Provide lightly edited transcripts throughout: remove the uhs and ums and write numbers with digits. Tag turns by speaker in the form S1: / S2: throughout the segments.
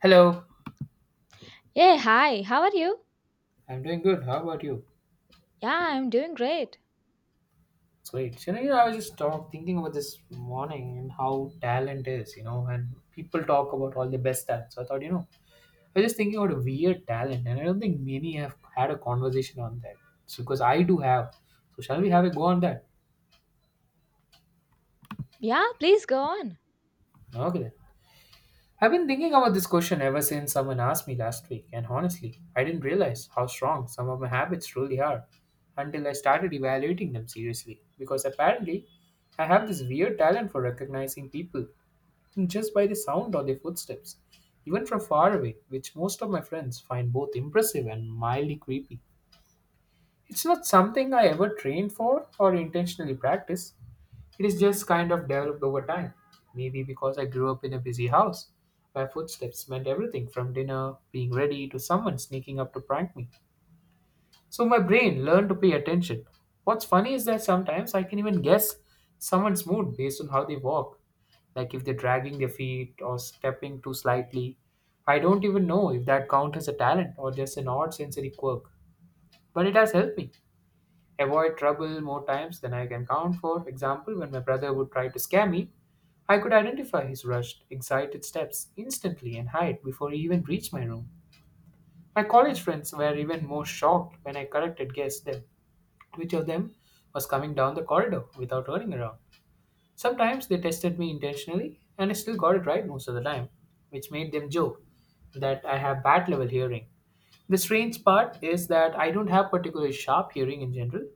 S1: Hello.
S2: Hey, hi, how are you?
S1: I'm doing good. How about you?
S2: Yeah, I'm doing great.
S1: It's great. I was just thinking about this morning and how talent is, and people talk about all the best talent. So I thought, I was just thinking about a weird talent, and I don't think many have had a conversation on that. So because I do have. So shall we have a go on that?
S2: Yeah, please go on.
S1: Okay, then. I've been thinking about this question ever since someone asked me last week, and honestly, I didn't realize how strong some of my habits truly are until I started evaluating them seriously. Because apparently, I have this weird talent for recognizing people just by the sound or their footsteps, even from far away, which most of my friends find both impressive and mildly creepy. It's not something I ever trained for or intentionally practice, it is just kind of developed over time. Maybe because I grew up in a busy house where footsteps meant everything from dinner being ready to someone sneaking up to prank me. So my brain learned to pay attention. What's funny is that sometimes I can even guess someone's mood based on how they walk, like if they're dragging their feet or stepping too slightly. I don't even know if that counts as a talent or just an odd sensory quirk, but it has helped me avoid trouble more times than I can count. For example, when my brother would try to scare me, I could identify his rushed, excited steps instantly and hide before he even reached my room. My college friends were even more shocked when I corrected guessed them. Which of them was coming down the corridor without turning around? Sometimes they tested me intentionally, and I still got it right most of the time, which made them joke that I have bad level hearing. The strange part is that I don't have particularly sharp hearing in general.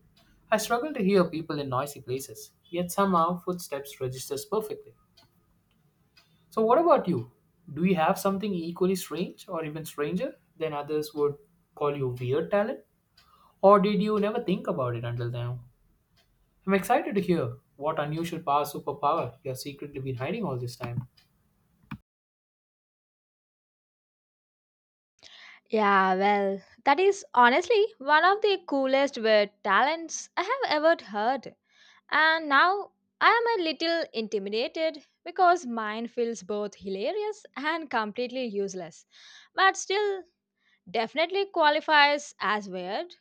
S1: I struggle to hear people in noisy places, yet somehow footsteps registers perfectly. So, what about you? Do you have something equally strange or even stranger than others would call you weird talent? Or did you never think about it until now? I'm excited to hear what unusual power superpower you have secretly been hiding all this time.
S2: Yeah, well, that is honestly one of the coolest word talents I have ever heard. And now I am a little intimidated because mine feels both hilarious and completely useless, but still definitely qualifies as weird.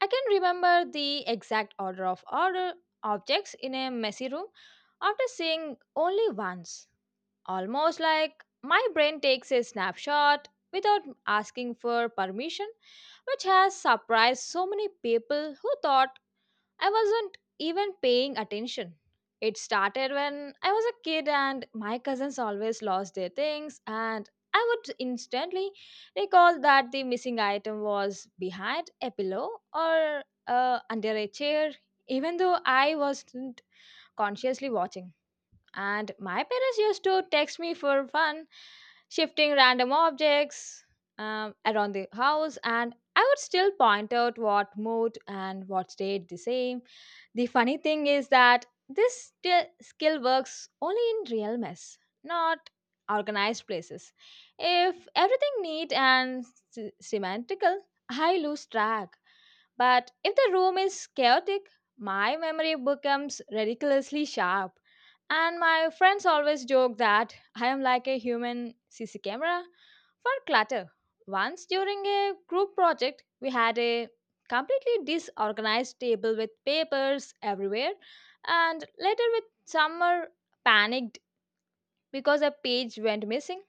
S2: I can remember the exact order of order objects in a messy room after seeing only once. Almost like my brain takes a snapshot without asking for permission, which has surprised so many people who thought I wasn't even paying attention. It started when I was a kid and my cousins always lost their things, and I would instantly recall that the missing item was behind a pillow or under a chair, even though I wasn't consciously watching. And my parents used to text me for fun, shifting random objects around the house, and I would still point out what moved and what stayed the same. The funny thing is that this skill works only in real mess, not organized places. If everything neat and symmetrical, I lose track. But if the room is chaotic, my memory becomes ridiculously sharp. And my friends always joke that I am like a human CC camera for clutter. Once during a group project, we had a completely disorganized table with papers everywhere, and later, with summer panicked because a page went missing.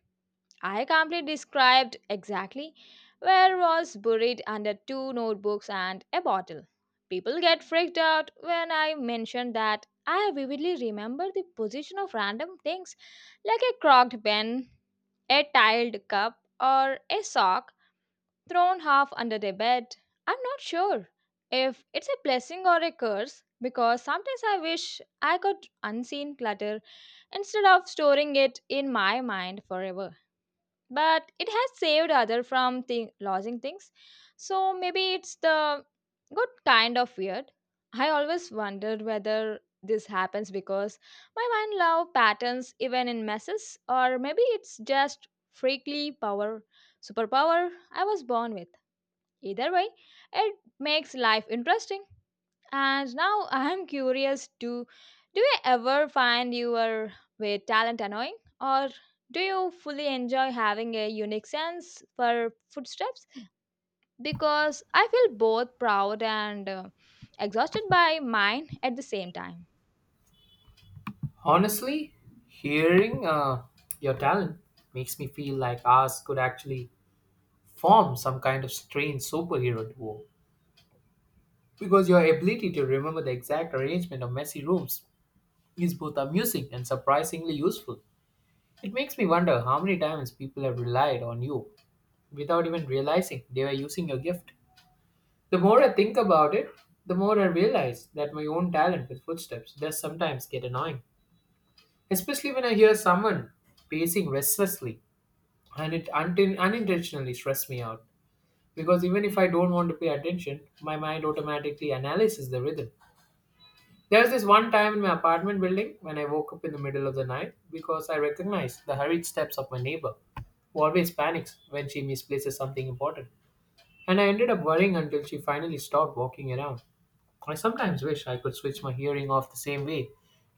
S2: I calmly described exactly where was buried under two notebooks and a bottle. People get freaked out when I mention that I vividly remember the position of random things like a crocked pen, a tiled cup, or a sock thrown half under the bed. I'm not sure if it's a blessing or a curse because sometimes I wish I could unseen clutter instead of storing it in my mind forever, but it has saved other from losing things, so maybe it's the good kind of weird. I always wondered whether this happens because my mind love patterns even in messes, or maybe it's just freakly power superpower I was born with. Either way, it makes life interesting, and now I'm curious to. Do you ever find your way talent annoying, or do you fully enjoy having a unique sense for footsteps? Because I feel both proud and exhausted by mine at the same time.
S1: Honestly, hearing your talent makes me feel like ours could actually form some kind of strange superhero duo. Because your ability to remember the exact arrangement of messy rooms is both amusing and surprisingly useful. It makes me wonder how many times people have relied on you without even realizing they were using your gift. The more I think about it, the more I realize that my own talent with footsteps does sometimes get annoying, especially when I hear someone pacing restlessly and it untin unintentionally stresses me out. Because even if I don't want to pay attention, my mind automatically analyzes the rhythm. There was this one time in my apartment building when I woke up in the middle of the night because I recognized the hurried steps of my neighbor, who always panics when she misplaces something important. And I ended up worrying until she finally stopped walking around. I sometimes wish I could switch my hearing off the same way.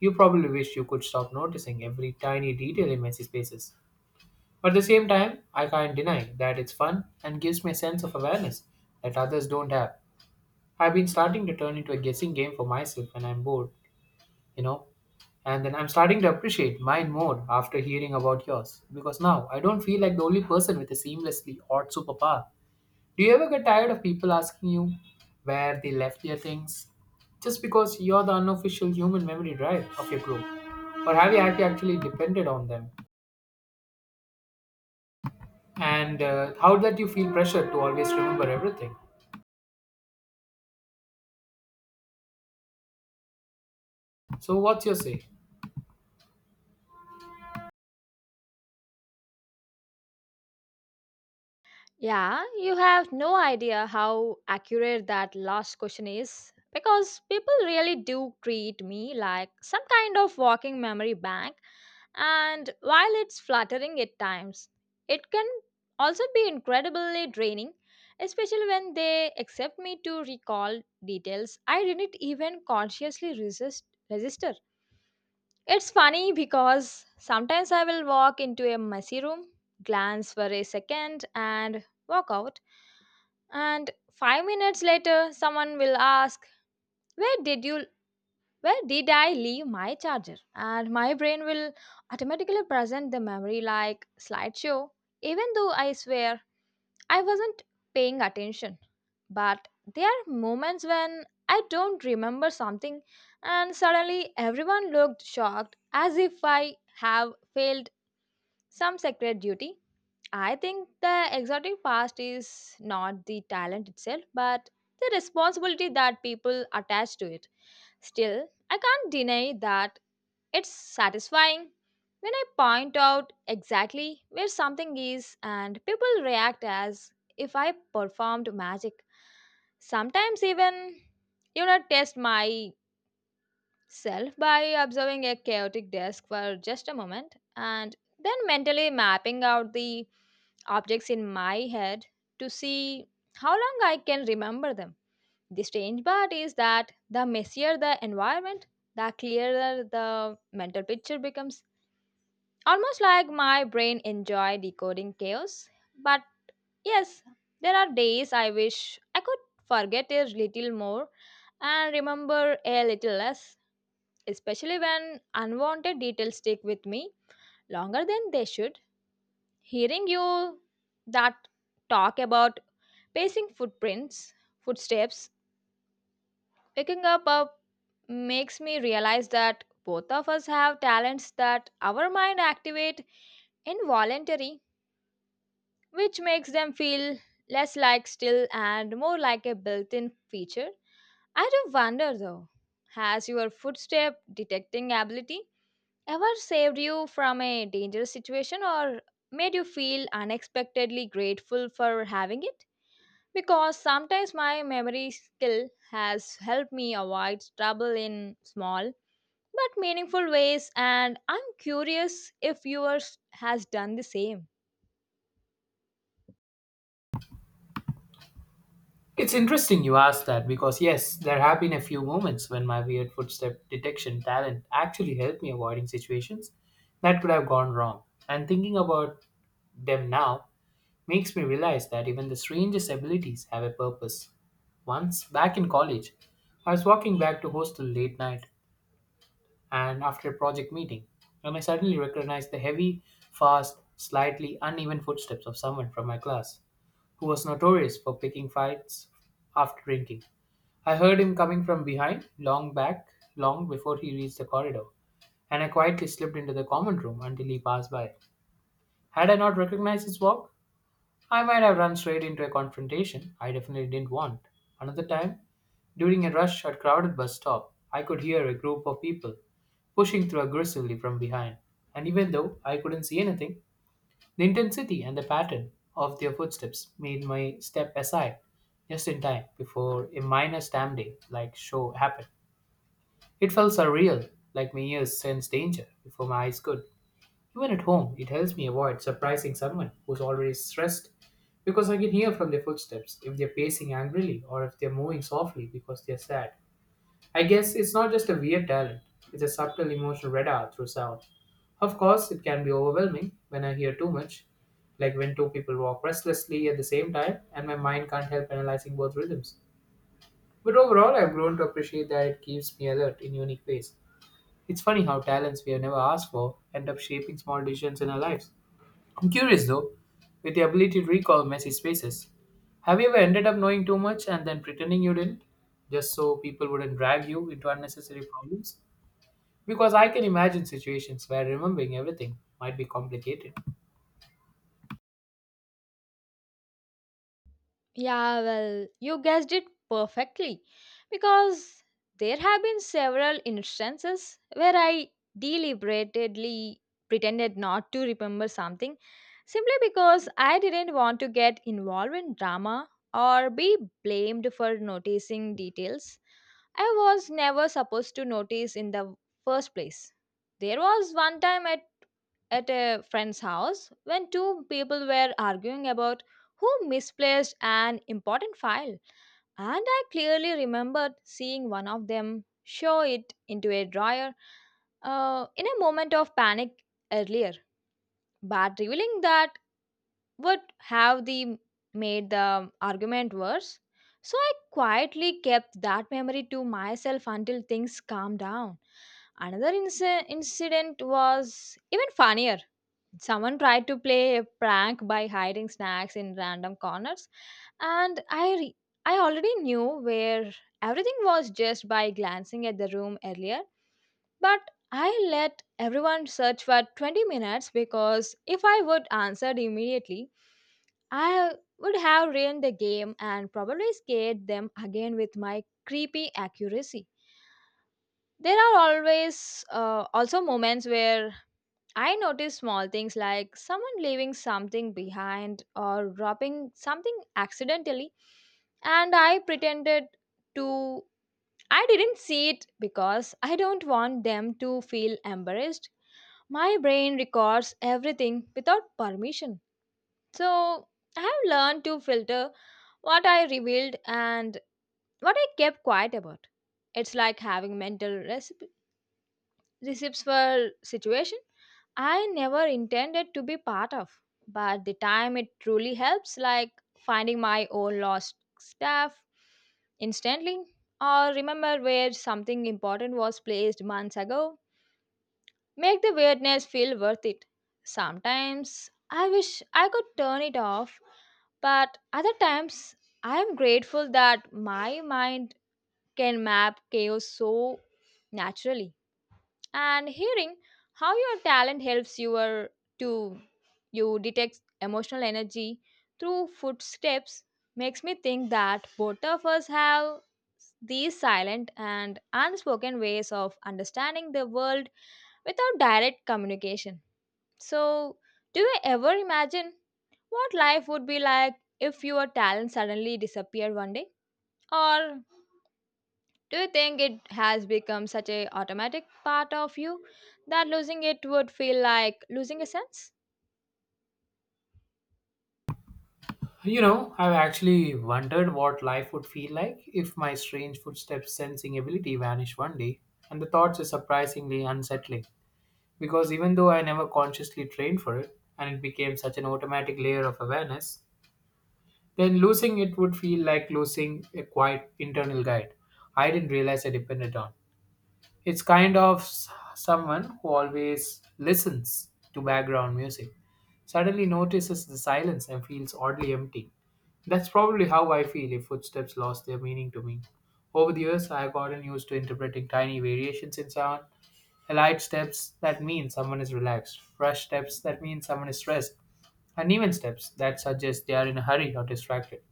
S1: You probably wish you could stop noticing every tiny detail in messy spaces. But at the same time, I can't deny that it's fun and gives me a sense of awareness that others don't have. I've been starting to turn into a guessing game for myself when I'm bored, you know and then I'm starting to appreciate mine more after hearing about yours, because now I don't feel like the only person with a seamlessly odd superpower. Do you ever get tired of people asking you where they left their things just because you're the unofficial human memory drive of your group, or have you actually depended on them, and how that you feel pressure to always remember everything? So what's your say?
S2: Yeah, you have no idea how accurate that last question is because people really do treat me like some kind of walking memory bank, and while it's flattering at times, it can also be incredibly draining, especially when they accept me to recall details I didn't even consciously resist. It's funny because sometimes I will walk into a messy room, glance for a second, and walk out. And 5 minutes later, someone will ask, "Where did you? Where did I leave my charger?" And my brain will automatically present the memory like slideshow, even though I swear I wasn't paying attention. But there are moments when I don't remember something, and suddenly everyone looked shocked as if I have failed some sacred duty. I think the exotic past is not the talent itself, but the responsibility that people attach to it. Still, I can't deny that it's satisfying when I point out exactly where something is and people react as if I performed magic. Sometimes even you know test myself by observing a chaotic desk for just a moment and then mentally mapping out the objects in my head to see how long I can remember them. The strange part is that the messier the environment, the clearer the mental picture becomes. Almost like my brain enjoy decoding chaos. But yes, there are days I wish I could forget a little more and remember a little less, especially when unwanted details stick with me longer than they should. Hearing you that talk about pacing footprints, footsteps picking up makes me realize that both of us have talents that our mind activate involuntary, which makes them feel less like still and more like a built-in feature. I do wonder though, has your footstep detecting ability ever saved you from a dangerous situation or made you feel unexpectedly grateful for having it? Because sometimes my memory skill has helped me avoid trouble in small but meaningful ways, and I'm curious if yours has done the same.
S1: It's interesting you asked that because, yes, there have been a few moments when my weird footstep detection talent actually helped me avoiding situations that could have gone wrong. And thinking about them now makes me realize that even the strangest abilities have a purpose. Once, back in college, I was walking back to hostel late night and after a project meeting, and I suddenly recognized the heavy, fast, slightly uneven footsteps of someone from my class who was notorious for picking fights after drinking. I heard him coming from behind, long before he reached the corridor, and I quietly slipped into the common room until he passed by. Had I not recognized his walk, I might have run straight into a confrontation I definitely didn't want. Another time, during a rush or crowded bus stop, I could hear a group of people pushing through aggressively from behind, and even though I couldn't see anything, the intensity and the pattern of their footsteps made my step aside just in time before a minor stampede like show happened. It felt surreal, like my ears sensed danger before my eyes could. Even at home, it helps me avoid surprising someone who's already stressed because I can hear from their footsteps if they're pacing angrily or if they're moving softly because they're sad. I guess it's not just a weird talent, it's a subtle emotional radar through sound. Of course, it can be overwhelming when I hear too much, like when two people walk restlessly at the same time and my mind can't help analyzing both rhythms. But overall, I've grown to appreciate that it keeps me alert in unique ways. It's funny how talents we have never asked for end up shaping small decisions in our lives. I'm curious though, with the ability to recall messy spaces, have you ever ended up knowing too much and then pretending you didn't, just so people wouldn't drag you into unnecessary problems? Because I can imagine situations where remembering everything might be complicated.
S2: Yeah, well, you guessed it perfectly because there have been several instances where I deliberately pretended not to remember something simply because I didn't want to get involved in drama or be blamed for noticing details I was never supposed to notice in the first place. There was one time at a friend's house when two people were arguing about who misplaced an important file, and I clearly remembered seeing one of them show it into a drawer in a moment of panic earlier, but revealing that would have the made the argument worse. So I quietly kept that memory to myself until things calmed down. Another incident was even funnier. Someone tried to play a prank by hiding snacks in random corners, and I already knew where everything was just by glancing at the room earlier, but I let everyone search for 20 minutes because if I would answered immediately, I would have ruined the game and probably scared them again with my creepy accuracy. There are always also moments where I notice small things like someone leaving something behind or dropping something accidentally, and I pretended to. I didn't see it because I don't want them to feel embarrassed. My brain records everything without permission. So I have learned to filter what I revealed and what I kept quiet about. It's like having recipes for situation I never intended to be part of. But the time it truly helps, like finding my own lost stuff instantly, or remember where something important was placed months ago, make the weirdness feel worth it. Sometimes I wish I could turn it off, but other times I am grateful that my mind can map chaos so naturally, and hearing how your talent helps your to you detect emotional energy through footsteps makes me think that both of us have these silent and unspoken ways of understanding the world without direct communication. So do you ever imagine what life would be like if your talent suddenly disappeared one day, or do you think it has become such a automatic part of you that losing it would feel like losing a sense?
S1: You know, I've actually wondered what life would feel like if my strange footsteps sensing ability vanished one day, and the thoughts are surprisingly unsettling. Because even though I never consciously trained for it, and it became such an automatic layer of awareness, then losing it would feel like losing a quiet internal guide I didn't realize I depended on. It's kind of someone who always listens to background music, suddenly notices the silence and feels oddly empty. That's probably how I feel if footsteps lost their meaning to me. Over the years, I've gotten used to interpreting tiny variations in sound. Light steps, that mean someone is relaxed. Rush steps, that mean someone is stressed. Uneven steps, that suggest they are in a hurry or distracted.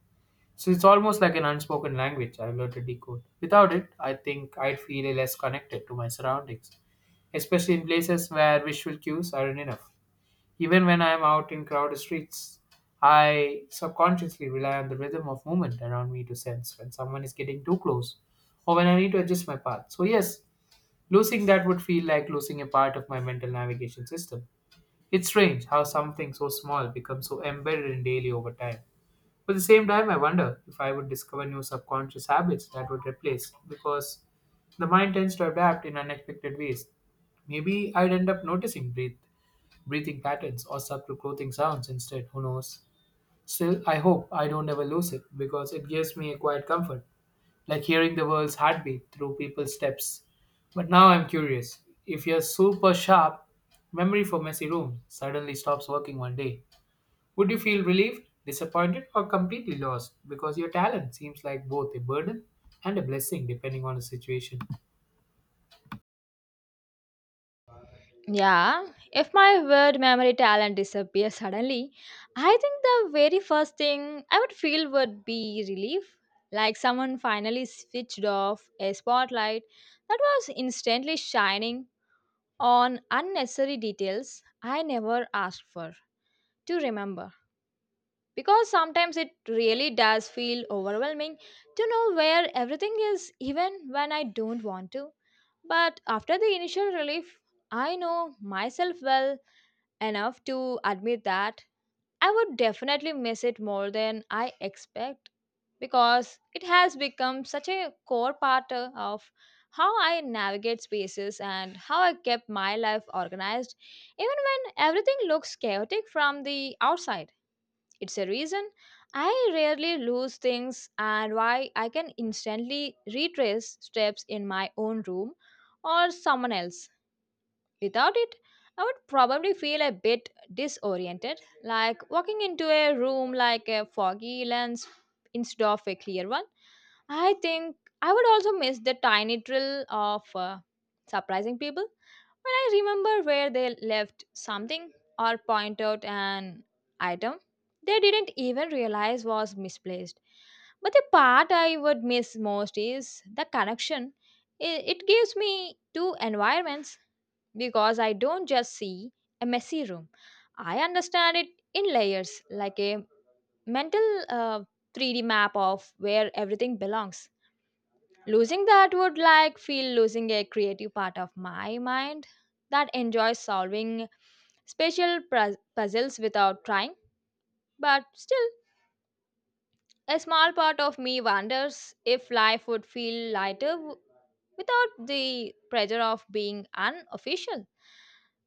S1: So it's almost like an unspoken language I've learned to decode. Without it, I think I'd feel less connected to my surroundings, especially in places where visual cues aren't enough. Even when I'm out in crowded streets, I subconsciously rely on the rhythm of movement around me to sense when someone is getting too close or when I need to adjust my path. So, yes, losing that would feel like losing a part of my mental navigation system. It's strange how something so small becomes so embedded in daily over time. But at the same time, I wonder if I would discover new subconscious habits that would replace because the mind tends to adapt in unexpected ways. Maybe I'd end up noticing breathing patterns or subtle clothing sounds instead. Who knows? Still, I hope I don't ever lose it because it gives me a quiet comfort, like hearing the world's heartbeat through people's steps. But now I'm curious, if your super sharp memory for messy rooms suddenly stops working one day, would you feel relieved, disappointed, or completely lost because your talent seems like both a burden and a blessing depending on the situation?
S2: Yeah, if my word memory talent disappears suddenly, I think the very first thing I would feel would be relief. Like someone finally switched off a spotlight that was instantly shining on unnecessary details I never asked for to remember. Because sometimes it really does feel overwhelming to know where everything is even when I don't want to. But after the initial relief, I know myself well enough to admit that I would definitely miss it more than I expect because it has become such a core part of how I navigate spaces and how I kept my life organized even when everything looks chaotic from the outside. It's a reason I rarely lose things and why I can instantly retrace steps in my own room or someone else. Without it, I would probably feel a bit disoriented, like walking into a room like a foggy lens instead of a clear one. I think I would also miss the tiny drill of surprising people when I remember where they left something or point out an item they didn't even realize was misplaced. But the part I would miss most is the connection it gives me to environments because I don't just see a messy room. I understand it in layers, like a mental 3D map of where everything belongs. Losing that would like feel losing a creative part of my mind that enjoys solving special puzzles without trying, but still, a small part of me wonders if life would feel lighter without the pressure of being unofficial.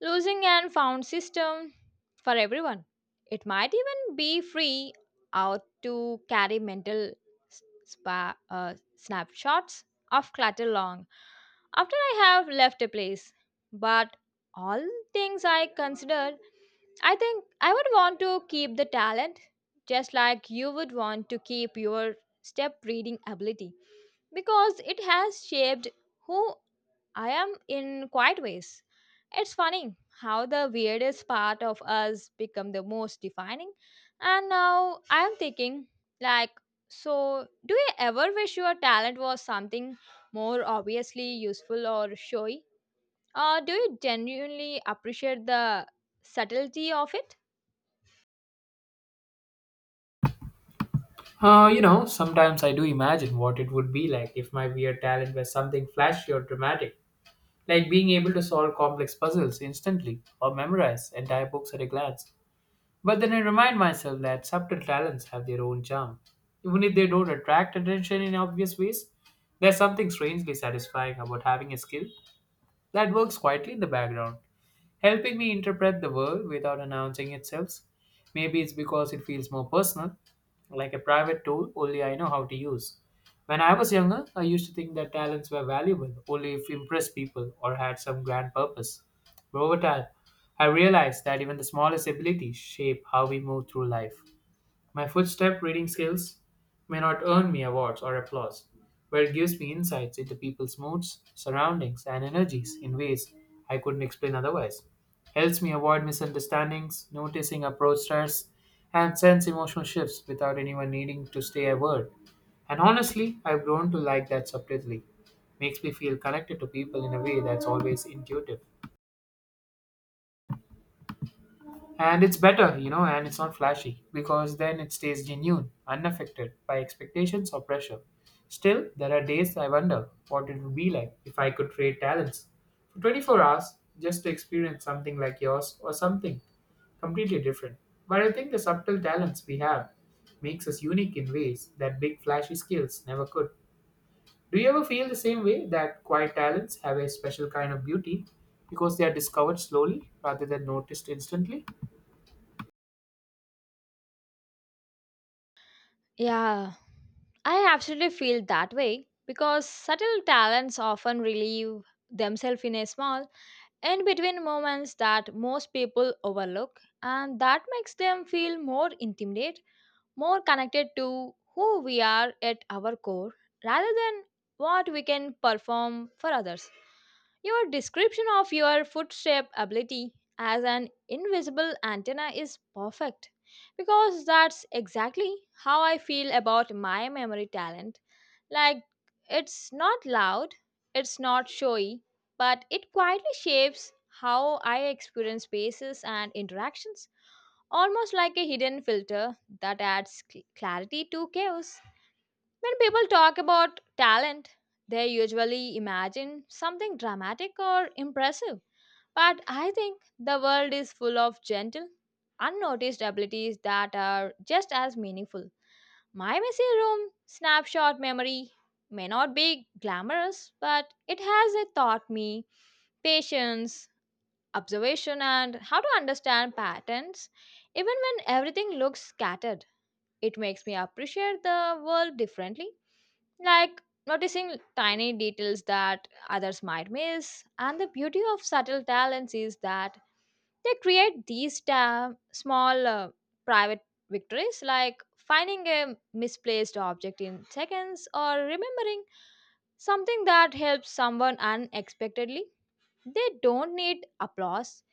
S2: Losing and found system for everyone. It might even be free out to carry mental spa, uh, snapshots of clutter long after I have left a place. But all things I considered, I think I would want to keep the talent just like you would want to keep your step reading ability because it has shaped who I am in quite ways. It's funny how the weirdest part of us become the most defining, and now I'm thinking like, so do you ever wish your talent was something more obviously useful or showy, or do you genuinely appreciate the subtlety of it?
S1: You know, sometimes I do imagine what it would be like if my weird talent were something flashy or dramatic, like being able to solve complex puzzles instantly or memorize entire books at a glance. But then I remind myself that subtle talents have their own charm. Even if they don't attract attention in obvious ways, there's something strangely satisfying about having a skill that works quietly in the background helping me interpret the world without announcing itself. Maybe it's because it feels more personal, like a private tool only I know how to use. When I was younger, I used to think that talents were valuable only if impressed people or had some grand purpose. But over time, I realized that even the smallest abilities shape how we move through life. My footstep reading skills may not earn me awards or applause, but it gives me insights into people's moods, surroundings, and energies in ways I couldn't explain otherwise. Helps me avoid misunderstandings, noticing approach styles, and sense emotional shifts without anyone needing to say a word. And honestly, I've grown to like that subtlety. Makes me feel connected to people in a way that's always intuitive. And it's better, you know, and it's not flashy because then it stays genuine, unaffected by expectations or pressure. Still, there are days I wonder what it would be like if I could trade talents for 24 hours just to experience something like yours or something completely different. But I think the subtle talents we have makes us unique in ways that big flashy skills never could. Do you ever feel the same way that quiet talents have a special kind of beauty because they are discovered slowly rather than noticed instantly?
S2: Yeah, I absolutely feel that way because subtle talents often relieve themselves in a small in between moments that most people overlook, and that makes them feel more intimate. More connected to who we are at our core rather than what we can perform for others. Your description of your foot shape ability as an invisible antenna is perfect because that's exactly how I feel about my memory talent. Like, it's not loud, it's not showy, but it quietly shapes how I experience spaces and interactions almost like a hidden filter that adds clarity to chaos. When people talk about talent, they usually imagine something dramatic or impressive. But I think the world is full of gentle, unnoticed abilities that are just as meaningful. My messy room snapshot memory may not be glamorous, but it has taught me patience, observation and how to understand patterns even when everything looks scattered. It makes me appreciate the world differently, like noticing tiny details that others might miss. And the beauty of subtle talents is that they create these small private victories, like finding a misplaced object in seconds or remembering something that helps someone unexpectedly. They don't need applause,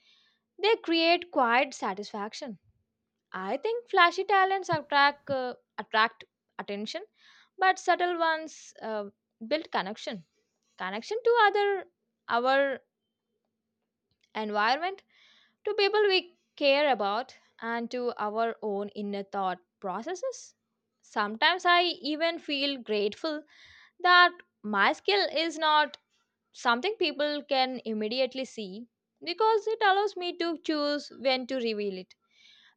S2: they create quiet satisfaction. I think flashy talents attract attention, but subtle ones build connection. Connection to other, our environment, to people we care about, and to our own inner thought processes. Sometimes I even feel grateful that my skill is not something people can immediately see because it allows me to choose when to reveal it,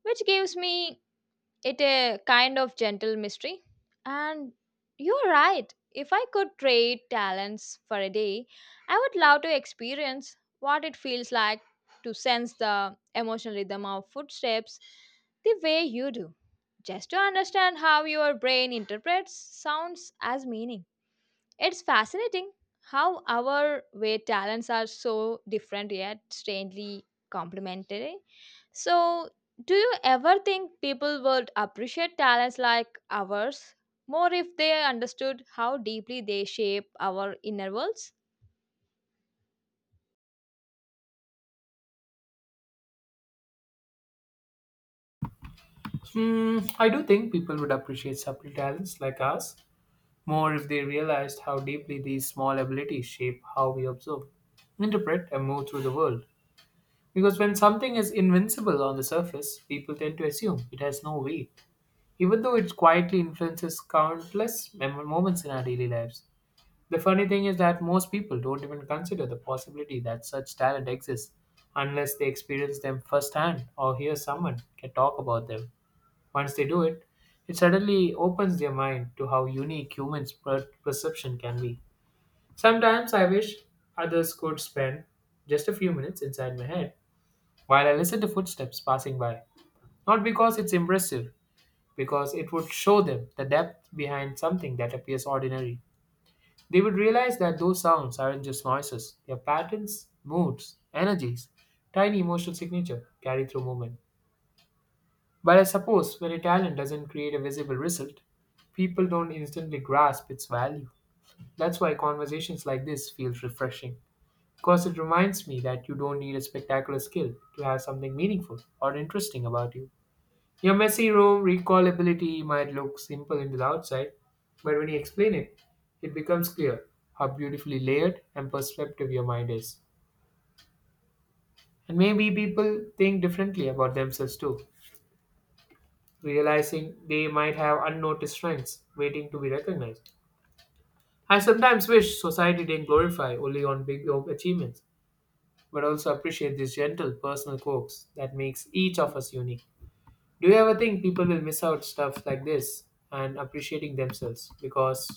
S2: which gives me it a kind of gentle mystery. And you're right, if I could trade talents for a day, I would love to experience what it feels like to sense the emotional rhythm of footsteps the way you do. Just to understand how your brain interprets sounds as meaning. It's fascinating how our way talents are so different yet strangely complementary. So, do you ever think people would appreciate talents like ours more if they understood how deeply they shape our inner worlds?
S1: Hmm, I do think people would appreciate subtle talents like us more if they realized how deeply these small abilities shape how we observe, interpret, and move through the world. Because when something is invincible on the surface, people tend to assume it has no weight, even though it quietly influences countless moments in our daily lives. The funny thing is that most people don't even consider the possibility that such talent exists unless they experience them firsthand or hear someone can talk about them. Once they do it, it suddenly opens their mind to how unique humans' perception can be. Sometimes I wish others could spend just a few minutes inside my head while I listen to footsteps passing by. Not because it's impressive, because it would show them the depth behind something that appears ordinary. They would realize that those sounds aren't just noises, they are patterns, moods, energies, tiny emotional signature carried through movement. But I suppose when a talent doesn't create a visible result, people don't instantly grasp its value. That's why conversations like this feels refreshing. Because it reminds me that you don't need a spectacular skill to have something meaningful or interesting about you. Your messy room recallability might look simple in the outside, but when you explain it, it becomes clear how beautifully layered and perceptive your mind is. And maybe people think differently about themselves too, realizing they might have unnoticed strengths waiting to be recognized. I sometimes wish society didn't glorify only on big achievements, but also appreciate these gentle personal quirks that makes each of us unique. Do you ever think people will miss out stuff like this and appreciating themselves because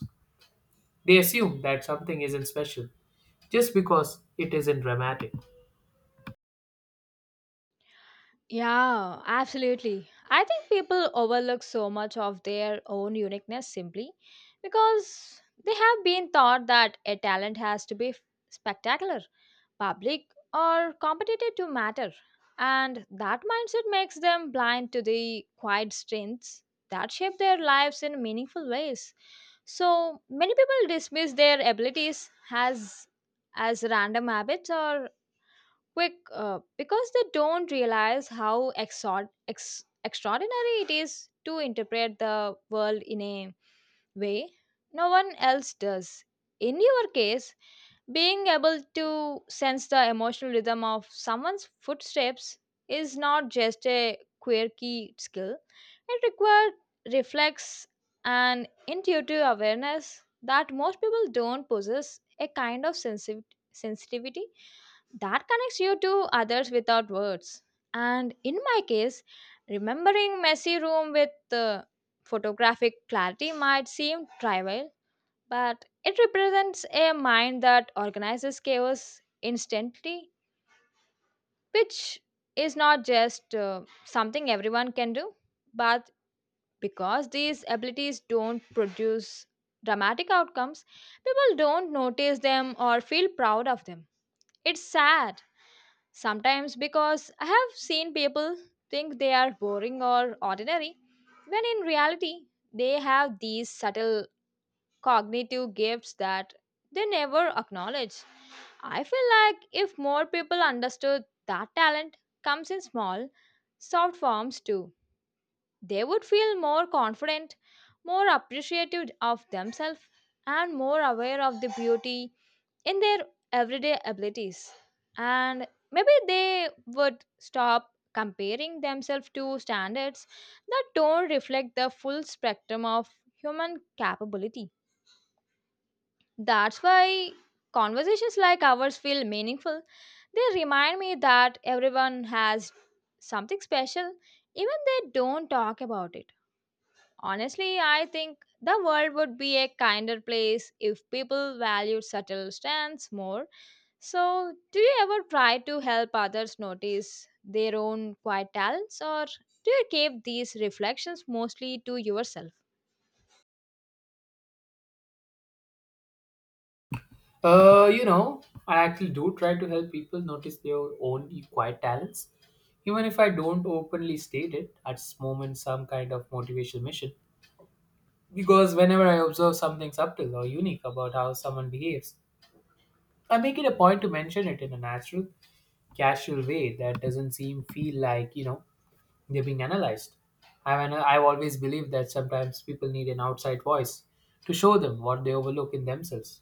S1: they assume that something isn't special just because it isn't dramatic?
S2: Yeah, absolutely. I think people overlook so much of their own uniqueness simply because they have been taught that a talent has to be spectacular, public, or competitive to matter. And that mindset makes them blind to the quiet strengths that shape their lives in meaningful ways. So many people dismiss their abilities as random habits or quick because they don't realize how extraordinary it is to interpret the world in a way no one else does. In your case, being able to sense the emotional rhythm of someone's footsteps is not just a quirky skill, it requires reflex and intuitive awareness that most people don't possess a kind of sensitivity that connects you to others without words. And in my case, remembering messy room with photographic clarity might seem trivial, but it represents a mind that organizes chaos instantly, which is not just something everyone can do, but because these abilities don't produce dramatic outcomes, people don't notice them or feel proud of them. It's sad sometimes because I have seen people think they are boring or ordinary, when in reality, they have these subtle cognitive gifts that they never acknowledge. I feel like if more people understood that talent comes in small, soft forms too, they would feel more confident, more appreciative of themselves, and more aware of the beauty in their everyday abilities, and maybe they would stop comparing themselves to standards that don't reflect the full spectrum of human capability. That's why conversations like ours feel meaningful. They remind me that everyone has something special even they don't talk about it. Honestly, I think the world would be a kinder place if people valued subtle strengths more. So, do you ever try to help others notice their own quiet talents, or do you keep these reflections mostly to yourself?
S1: Uh, you know, I actually do try to help people notice their own quiet talents. Even if I don't openly state it, at this moment some kind of motivational mission. Because whenever I observe something subtle or unique about how someone behaves, I make it a point to mention it in a natural, casual way that doesn't seem feel like, you know, they're being analyzed. I mean, I've always believed that sometimes people need an outside voice to show them what they overlook in themselves,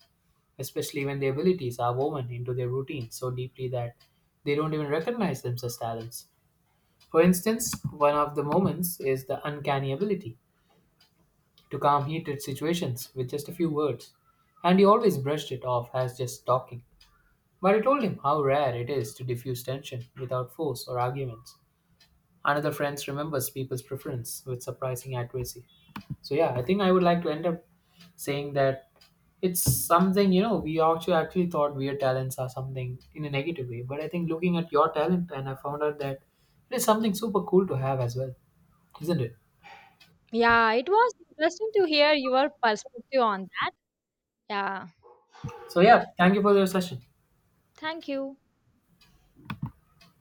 S1: especially when their abilities are woven into their routine so deeply that they don't even recognize them as talents. For instance, one of the moments is the uncanny ability to calm heated situations with just a few words, and he always brushed it off as just talking. But I told him how rare it is to diffuse tension without force or arguments. Another friend remembers people's preference with surprising accuracy. So yeah, I think I would like to end up saying that it's something, you know, we actually thought weird talents are something in a negative way, but I think looking at your talent and I found out that it is something super cool to have as well, isn't it?
S2: Yeah, it was interesting to hear your perspective on that. Yeah,
S1: So yeah, thank you for your session.
S2: thank you.